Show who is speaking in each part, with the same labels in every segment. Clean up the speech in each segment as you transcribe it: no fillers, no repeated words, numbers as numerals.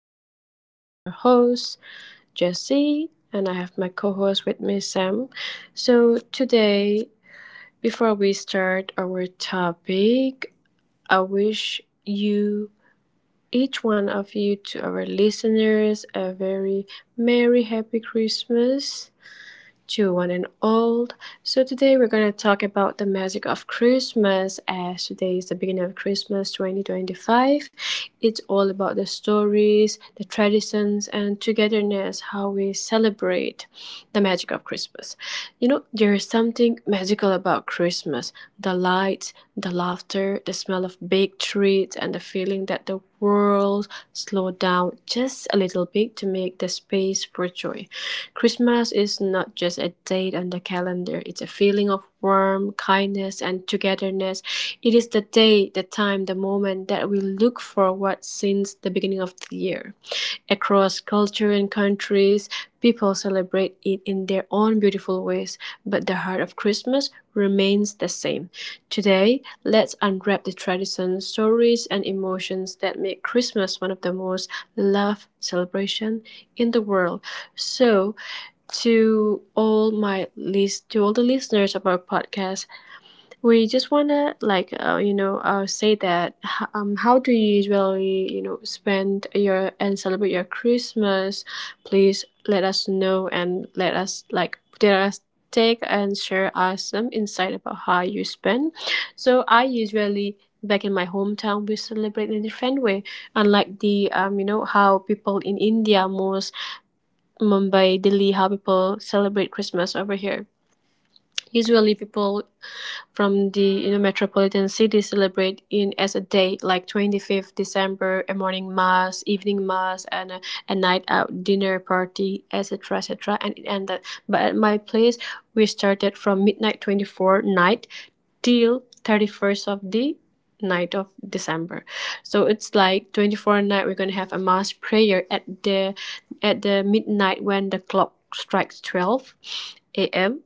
Speaker 1: again. I'm your host, Jessie, and I have my co host with me, Sam. So, today, before we start our topic, I wish you, each one of you, to our listeners, a very merry, happy Christmas to one and all. So today we're going to talk about the magic of Christmas as today is the beginning of Christmas 2025. It's all about the stories, the traditions, and togetherness, how we celebrate the magic of Christmas. You know, there is something magical about Christmas. The lights, the laughter, the smell of baked treats, and the feeling that the world slow down just a little bit to make the space for joy. Christmas is not just a date on the calendar, it's a feeling of warmth, kindness, and togetherness. It is the day, the time, the moment that we look forward since the beginning of the year. Across culture and countries, people celebrate it in their own beautiful ways, but the heart of Christmas remains the same. Today, let's unwrap the traditions, stories, and emotions that make Christmas one of the most loved celebrations in the world. So, to all my list, to all the listeners of our podcast, we just wanna say that how do you usually spend your and celebrate your Christmas? Please let us know, and let us like, let us take and share us some insight about how you spend. So I usually, back in my hometown, we celebrate in a different way, unlike the you know how people in India, most Mumbai, Delhi, how people celebrate Christmas over here. Usually people from the metropolitan city celebrate in as a day like 25th december, a morning mass, evening mass, and a night out dinner party, etc, etc, and it ended. But at my place, we started from midnight 24 night till 31st of the night of december. So it's like 24 night we're going to have a mass prayer at the midnight. When the clock strikes 12 a.m,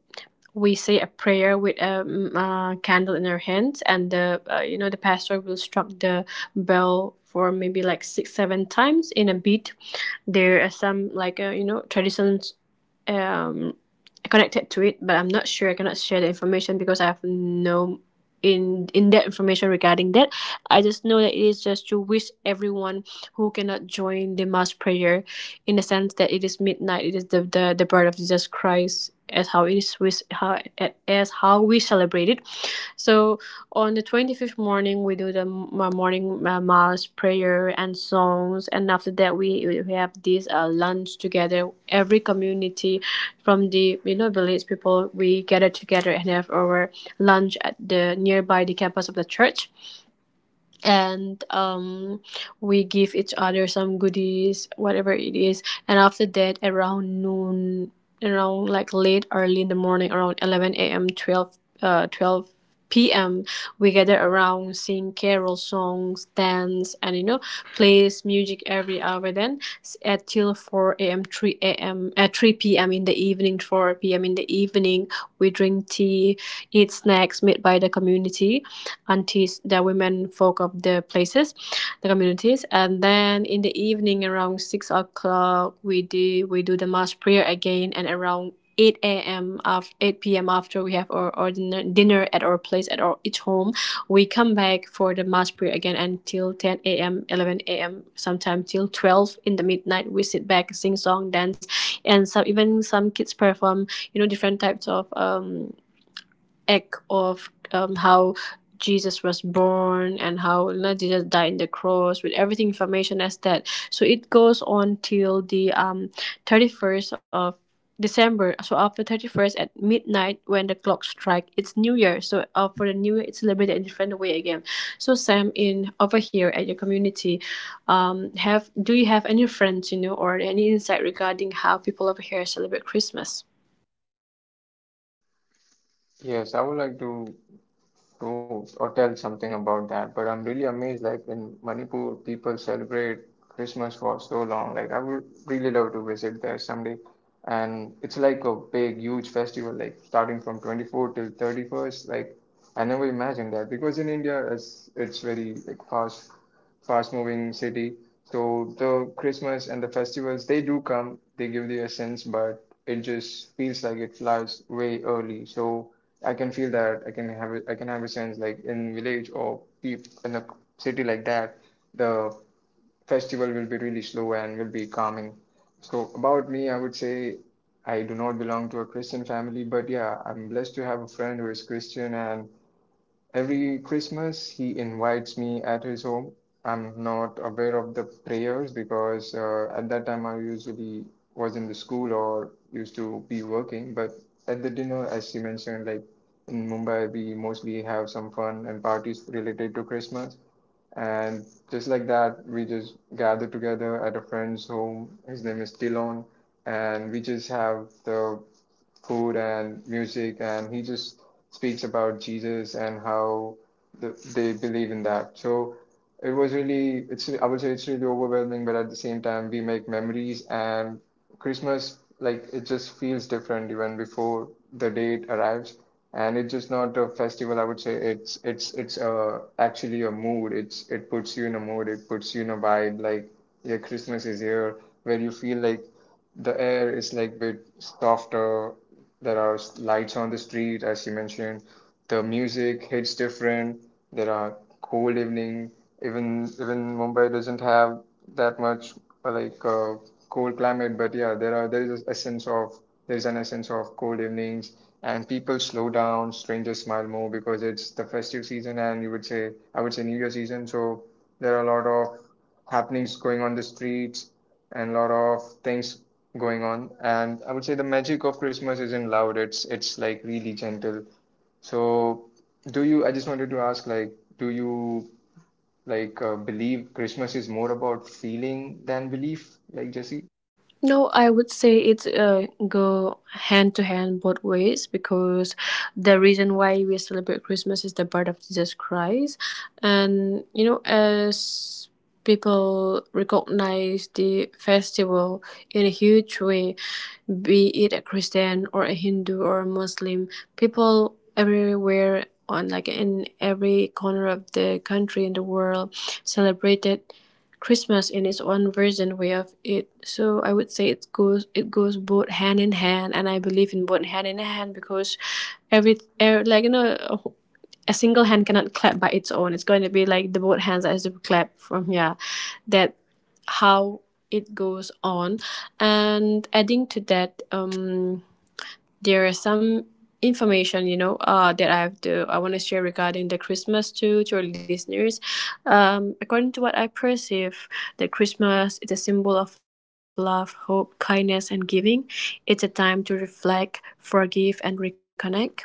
Speaker 1: we say a prayer with a, candle in our hands, and the the pastor will struck the bell for maybe like 6, 7 times in a beat. There are some traditions um connected to it, but I'm not sure. I cannot share the information because I have no in that information regarding that. I just know that it is just to wish everyone who cannot join the mass prayer, in the sense that it is midnight. It is the birth of Jesus Christ, as how it is with how, as how we celebrate it. So on the 25th morning, we do the morning mass prayer and songs. And after that, we have this lunch together. Every community from the, you know, village people, we gather together and have our lunch at the nearby the campus of the church, and we give each other some goodies, whatever it is. And after that, around noon, around like late, early in the morning, around 11 a.m., 12 p.m., we gather around, sing carol songs, dance, and you know, plays music every hour. Then at till 4 a.m., 3 a.m., at 3 p.m. in the evening, 4 p.m. in the evening, we drink tea, eat snacks made by the community aunties, the women folk of the places, the communities. And then in the evening around 6 o'clock, we do the mass prayer again, and around 8 a.m. of 8 p.m., after we have our dinner at our place, at our each home, we come back for the mass prayer again until 10 a.m., 11 a.m. Sometime till 12 in the midnight. We sit back, sing song, dance, and some kids perform, you know, different types of act of how Jesus was born, and how, you know, Jesus died on the cross with everything information as that. So it goes on till the 31st of December. So after 31st at midnight when the clock strike, it's New Year. So for the New Year, it's celebrated in a different way again. So Sam, in over here at your community, have do you have any friends you know, or any insight regarding how people over here celebrate Christmas?
Speaker 2: Yes, I would like to or tell something about that, but I'm really amazed like in Manipur people celebrate Christmas for so long. Like I would really love to visit there someday. And it's like a big, huge festival, like starting from 24 till 31st. Like I never imagined that because in India it's very like fast moving city. So the Christmas and the festivals, they do come, they give the essence, but it just feels like it flies way early. So I can feel that I can have it, I can have a sense like in village or in a city like that, the festival will be really slow and will be calming. So about me, I would say I do not belong to a Christian family, but yeah, I'm blessed to have a friend who is Christian, and every Christmas, he invites me at his home. I'm not aware of the prayers because at that time I usually was in the school or used to be working. But at the dinner, as she mentioned, like in Mumbai, we mostly have some fun and parties related to Christmas. And just like that, we just gather together at a friend's home. His name is Tilon, and we just have the food and music, and he just speaks about Jesus and how the, they believe in that. So it was really, it's I would say it's really overwhelming, but at the same time, we make memories, and Christmas like it just feels different even before the date arrives. And it's just not a festival, I would say. It's actually a mood. It puts you in a mood. It puts you in a vibe. Like yeah, Christmas is here, where you feel like the air is like bit softer. There are lights on the street, as you mentioned. The music hits different. There are cold evening. Even Mumbai doesn't have that much uh, like uh, cold climate, but yeah, there is a essence of there is an essence of cold evenings, and people slow down. Strangers smile more because it's the festive season, and you would say I would say New Year season. So there are a lot of happenings going on the streets and lot of things going on. And I would say the magic of Christmas isn't loud. It's like really gentle. So I just wanted to ask, like, do you believe Christmas is more about feeling than belief, like Jesse?
Speaker 1: No, I would say it's go hand to hand both ways, because the reason why we celebrate Christmas is the birth of Jesus Christ, and you know, as people recognize the festival in a huge way, be it a Christian or a Hindu or a Muslim, people everywhere, on like in every corner of the country in the world, celebrated Christmas in its own version way of it. So I would say it goes, both hand in hand, and I believe in both hand in hand, because every like you know, a single hand cannot clap by its own. It's going to be like the both hands that has to clap from, yeah, that how it goes on. And adding to that, there are some information you know that I want to share regarding the christmas too, to our listeners. According to what I perceive, the christmas is a symbol of love, hope, kindness, and giving. It's a time to reflect, forgive, and reconnect,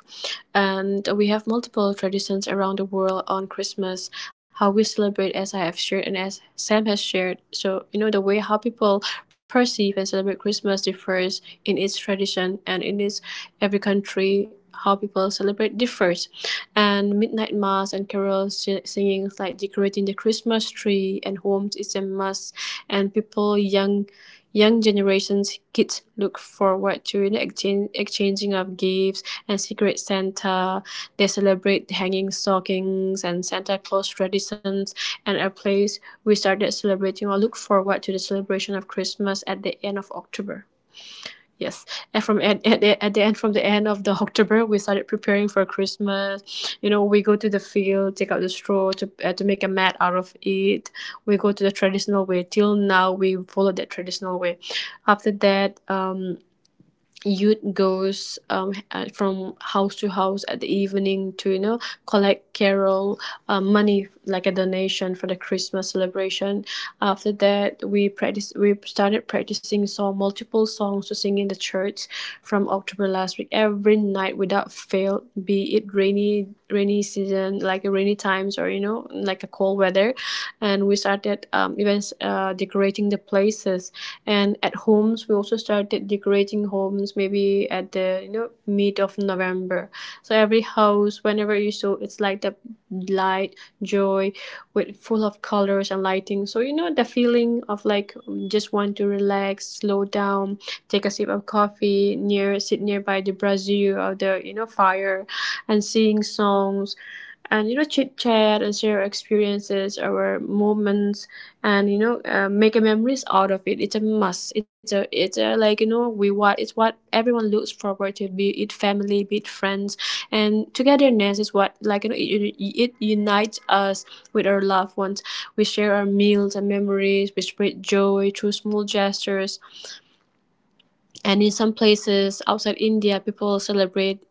Speaker 1: and we have multiple traditions around the world on christmas, how we celebrate, as I have shared, and as sam has shared. So you know, the way how people perceive and celebrate christmas differs in its tradition and in its... Every country, how people celebrate differs, and midnight mass and carol singings, like decorating the Christmas tree and homes, is a must. And people, young generations, kids look forward to exchanging of gifts and secret Santa. They celebrate hanging stockings and Santa Claus traditions, and a place we started celebrating or look forward to the celebration of Christmas at the end of October. Yes, and from at the end, from the end of the October, we started preparing for Christmas. You know, we go to the field, take out the straw to make a mat out of it. We go to the traditional way. Till now, we follow that traditional way. After that, youth goes from house to house at the evening to you know, collect carol money, like a donation for the christmas celebration. After that, we started practicing song, multiple songs to sing in the church, from october last week, every night without fail, be it rainy season, like rainy times, or you know, like a cold weather. And we started even decorating the places, and at homes we also started decorating homes, maybe at the you know, mid of november. So every house, whenever you saw, it's like the light, joy, with full of colors and lighting. So you know, the feeling of like, just want to relax, slow down, take a sip of coffee near, sit nearby the brazier or the you know, fire, and sing songs, and you know, chit chat, and share experiences, our moments, and you know make a memories out of it. It's a must, it's a like you know, we what it's what everyone looks forward to, be it family, be it friends. And togetherness is what, like you know, it unites us with our loved ones. We share our meals and memories, we spread joy through small gestures, and in some places outside india, people celebrate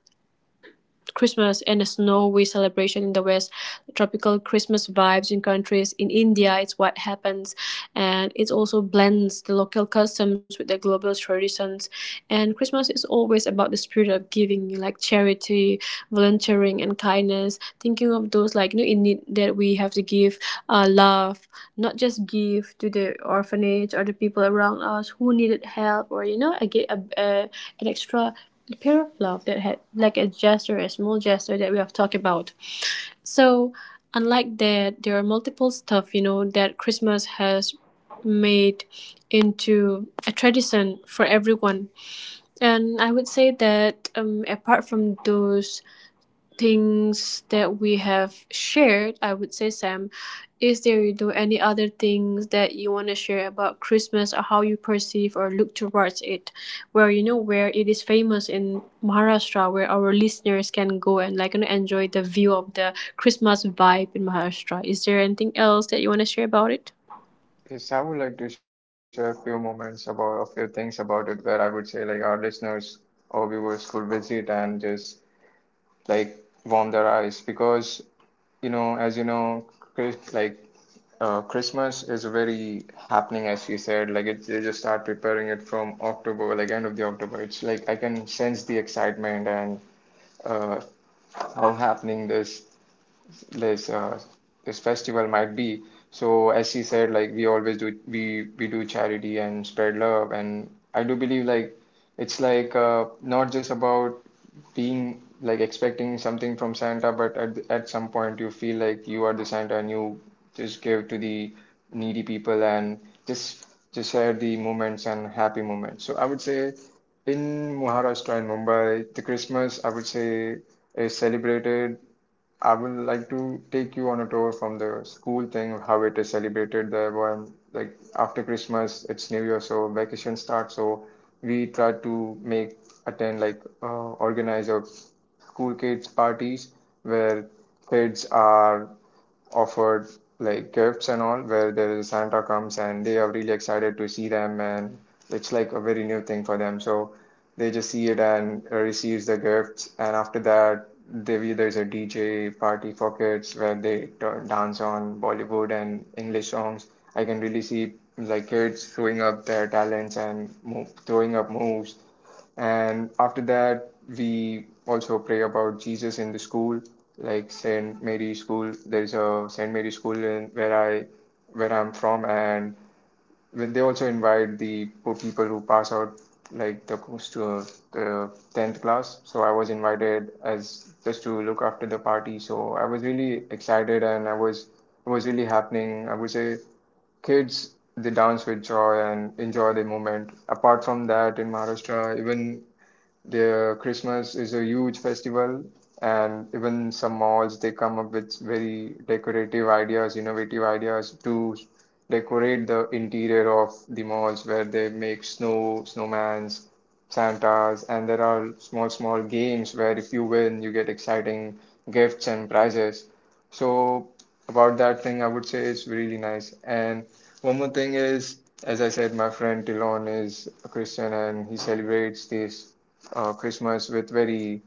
Speaker 1: Christmas and a snowy celebration in the West, tropical Christmas vibes in countries. In India, it's what happens, and it also blends the local customs with the global traditions. And Christmas is always about the spirit of giving, like charity, volunteering, and kindness. Thinking of those like you know, in need, that we have to give love, not just give to the orphanage or the people around us who needed help, or you know, I get an extra pair of love that had like a gesture, a small gesture that we have talked about. So, unlike that, there are multiple stuff you know, that Christmas has made into a tradition for everyone. And I would say that, apart from those things that we have shared, I would say, Sam, is there you do any other things that you want to share about Christmas, or how you perceive or look towards it? Where you know, where it is famous in Maharashtra, where our listeners can go and like you know, enjoy the view of the Christmas vibe in Maharashtra. Is there anything else that you want to share about it?
Speaker 2: Yes, I would like to share a few moments about a few things about it where I would say like our listeners or viewers could visit and just like warm their eyes because you know as you know Chris, like Christmas is very happening as you said like it, they just start preparing it from October, like end of the October. It's like I can sense the excitement, and uh, how happening this uh, this festival might be. So as she said, like we always do, we do charity and spread love. And I do believe like it's like not just about being like expecting something from Santa, but at some point you feel like you are the Santa and you just give to the needy people and just share the moments and happy moments. So I would say in Maharashtra and Mumbai, the Christmas I would say is celebrated. I would like to take you on a tour from the school thing, how it is celebrated there. When like after Christmas, it's New Year, so vacation starts. So we try to make attend like organize a school kids parties where kids are offered like gifts and all, where the Santa comes and they are really excited to see them, and it's like a very new thing for them. So they just see it and receives the gifts, and after that there's a DJ party for kids where they turn, dance on Bollywood and English songs. I can really see like kids throwing up their talents and throwing up moves. And after that, we also pray about Jesus in the school, like Saint Mary School. There is a Saint Mary School in where I'm from, and when they also invite the poor people who pass out, like the close the tenth class. So I was invited as just to look after the party. So I was really excited, and I was it was really happening. I would say kids they dance with joy and enjoy the moment. Apart from that, in Maharashtra, even their Christmas is a huge festival, and even some malls they come up with very decorative ideas, innovative ideas to decorate the interior of the malls where they make snow, snowmans, Santas, and there are small, small games where if you win, you get exciting gifts and prizes. So, about that thing, I would say it's really nice. And one more thing is, as I said, my friend Tilon is a Christian and he celebrates this Christmas with very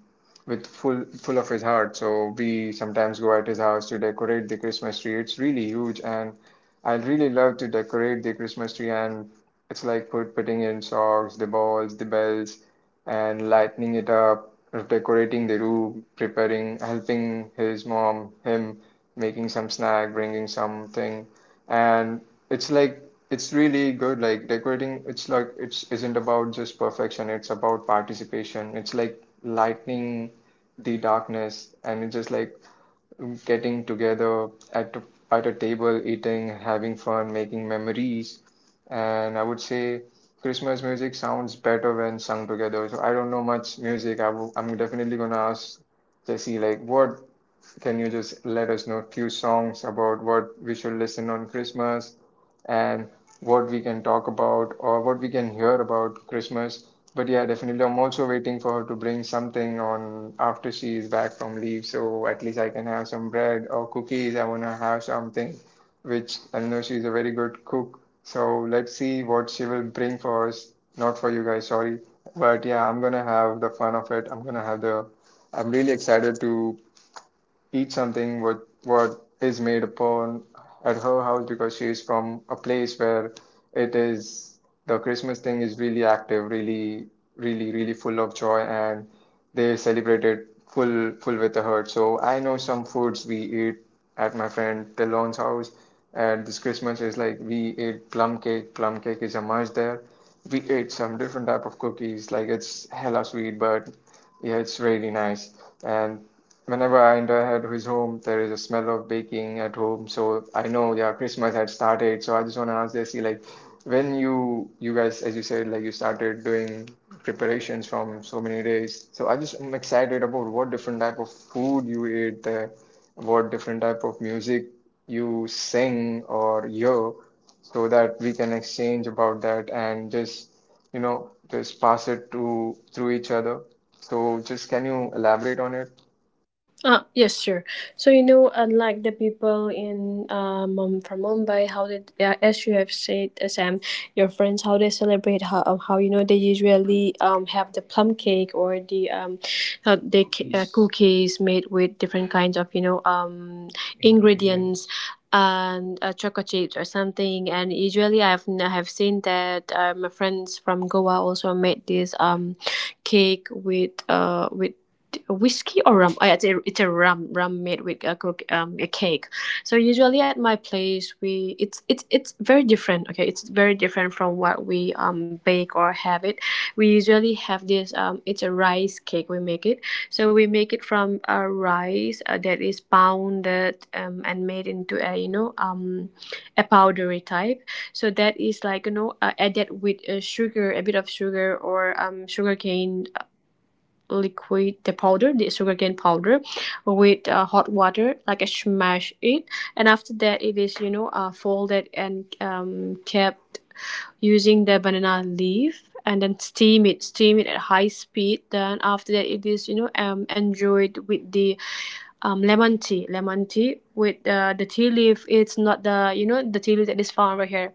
Speaker 2: with full full of his heart. So we sometimes go at his house to decorate the Christmas tree. It's really huge, and I really love to decorate the Christmas tree. And it's like putting in socks, the balls, the bells, and lighting it up, decorating the room, preparing, helping his mom, him, making some snack, bringing something. And it's like it's really good. Like decorating, it's like it's isn't about just perfection. It's about participation. It's like lightening the darkness, and it's just like getting together at at a table, eating, having fun, making memories. And I would say Christmas music sounds better when sung together. So I don't know much music. I'm definitely gonna ask Jesse like what can you just let us know a few songs about what we should listen on Christmas and what we can talk about or what we can hear about Christmas? But yeah, definitely. I'm also waiting for her to bring something on after she is back from leave, so at least I can have some bread or cookies. I want to have something, which I know she's a very good cook. So let's see what she will bring for us. Not for you guys, sorry. But yeah, I'm gonna have the fun of it. I'm gonna have the. I'm really excited to eat something what is made upon at her house because she is from a place where it is the Christmas thing is really active, really, really, really full of joy, and they celebrate it full full with a heart. So I know some foods we eat at my friend Talon's house, and this Christmas is like we ate plum cake. Plum cake is a must there. We ate some different type of cookies, like it's hella sweet, but yeah, it's really nice. And whenever I enter head his home, there is a smell of baking at home. So I know, yeah, Christmas had started. So I just want to ask Jesse, like, when you guys, as you said, like you started doing preparations from so many days. So I just am excited about what different type of food you eat there, what different type of music you sing or hear, so that we can exchange about that and just, you know, just pass it to through each other. So just can you elaborate on it?
Speaker 1: Ah, yes, sure. So, unlike the people in from Mumbai, how did, as you have said, Sam, your friends, how they celebrate, how, they usually have the plum cake or the how they, cookies made with different kinds of, ingredients and chocolate chips or something. And usually I've have seen that my friends from Goa also made this cake with with whiskey or rum. Oh, yeah, it's a rum made with a cake. So usually at my place we it's very different. Okay, it's very different from what we bake or have it. We usually have this it's a rice cake we make it. So we make it from a rice that is pounded and made into a a powdery type. So that is, added with sugar a bit of sugar, or sugar cane liquid, the sugarcane powder, with hot water, like I smash it. And after that it is, folded and, kept using the banana leaf, and then steam it at high speed. Then after that it is, enjoyed with the, lemon tea with, the tea leaf. It's not, the the tea leaf that is found right here.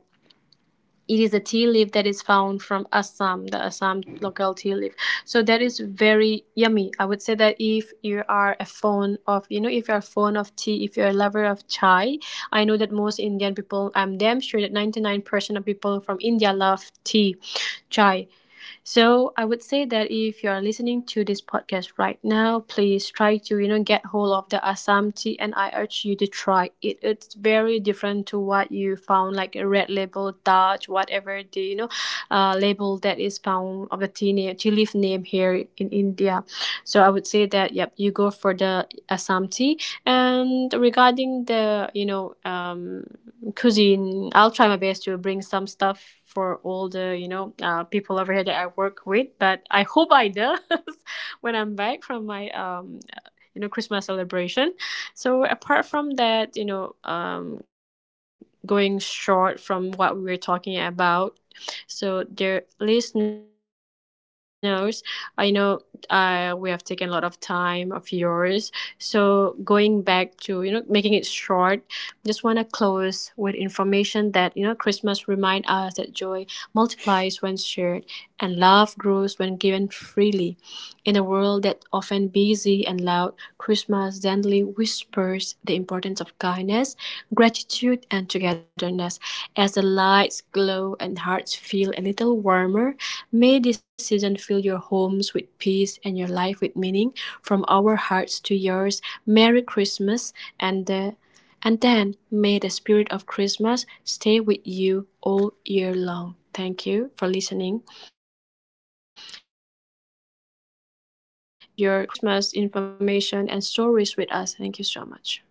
Speaker 1: It is a tea leaf that is found from Assam, the Assam local tea leaf. So that is very yummy. I would say that if you are a fan of, you know, if you are a fan of tea, if you're a lover of chai, I know that most Indian people, I'm damn sure that 99% of people from India love tea, chai. So I would say that if you are listening to this podcast right now, please try to get hold of the Assam tea, and I urge you to try it. It's very different to what you found, like a red label, Dutch, whatever the label that is found of a tea name, tea leaf name here in India. So I would say that, yep, you go for the Assam tea. And regarding the cuisine, I'll try my best to bring some stuff for all the people over here that I work with. But I hope I does when I'm back from my, Christmas celebration. So apart from that, going short from what we were talking about, so, dear listeners, I know we have taken a lot of time of yours. So, going back to, making it short, just want to close with information that, Christmas remind us that joy multiplies when shared and love grows when given freely. In a world that's often busy and loud, Christmas gently whispers the importance of kindness, gratitude, and togetherness. As the lights glow and hearts feel a little warmer, may this season fill your homes with peace and your life with meaning. From our hearts to yours, Merry Christmas and the and then may the spirit of Christmas stay with you all year long. Thank you for listening. And if you love our in a podcast, please share your Christmas information and stories with us. Thank you so much.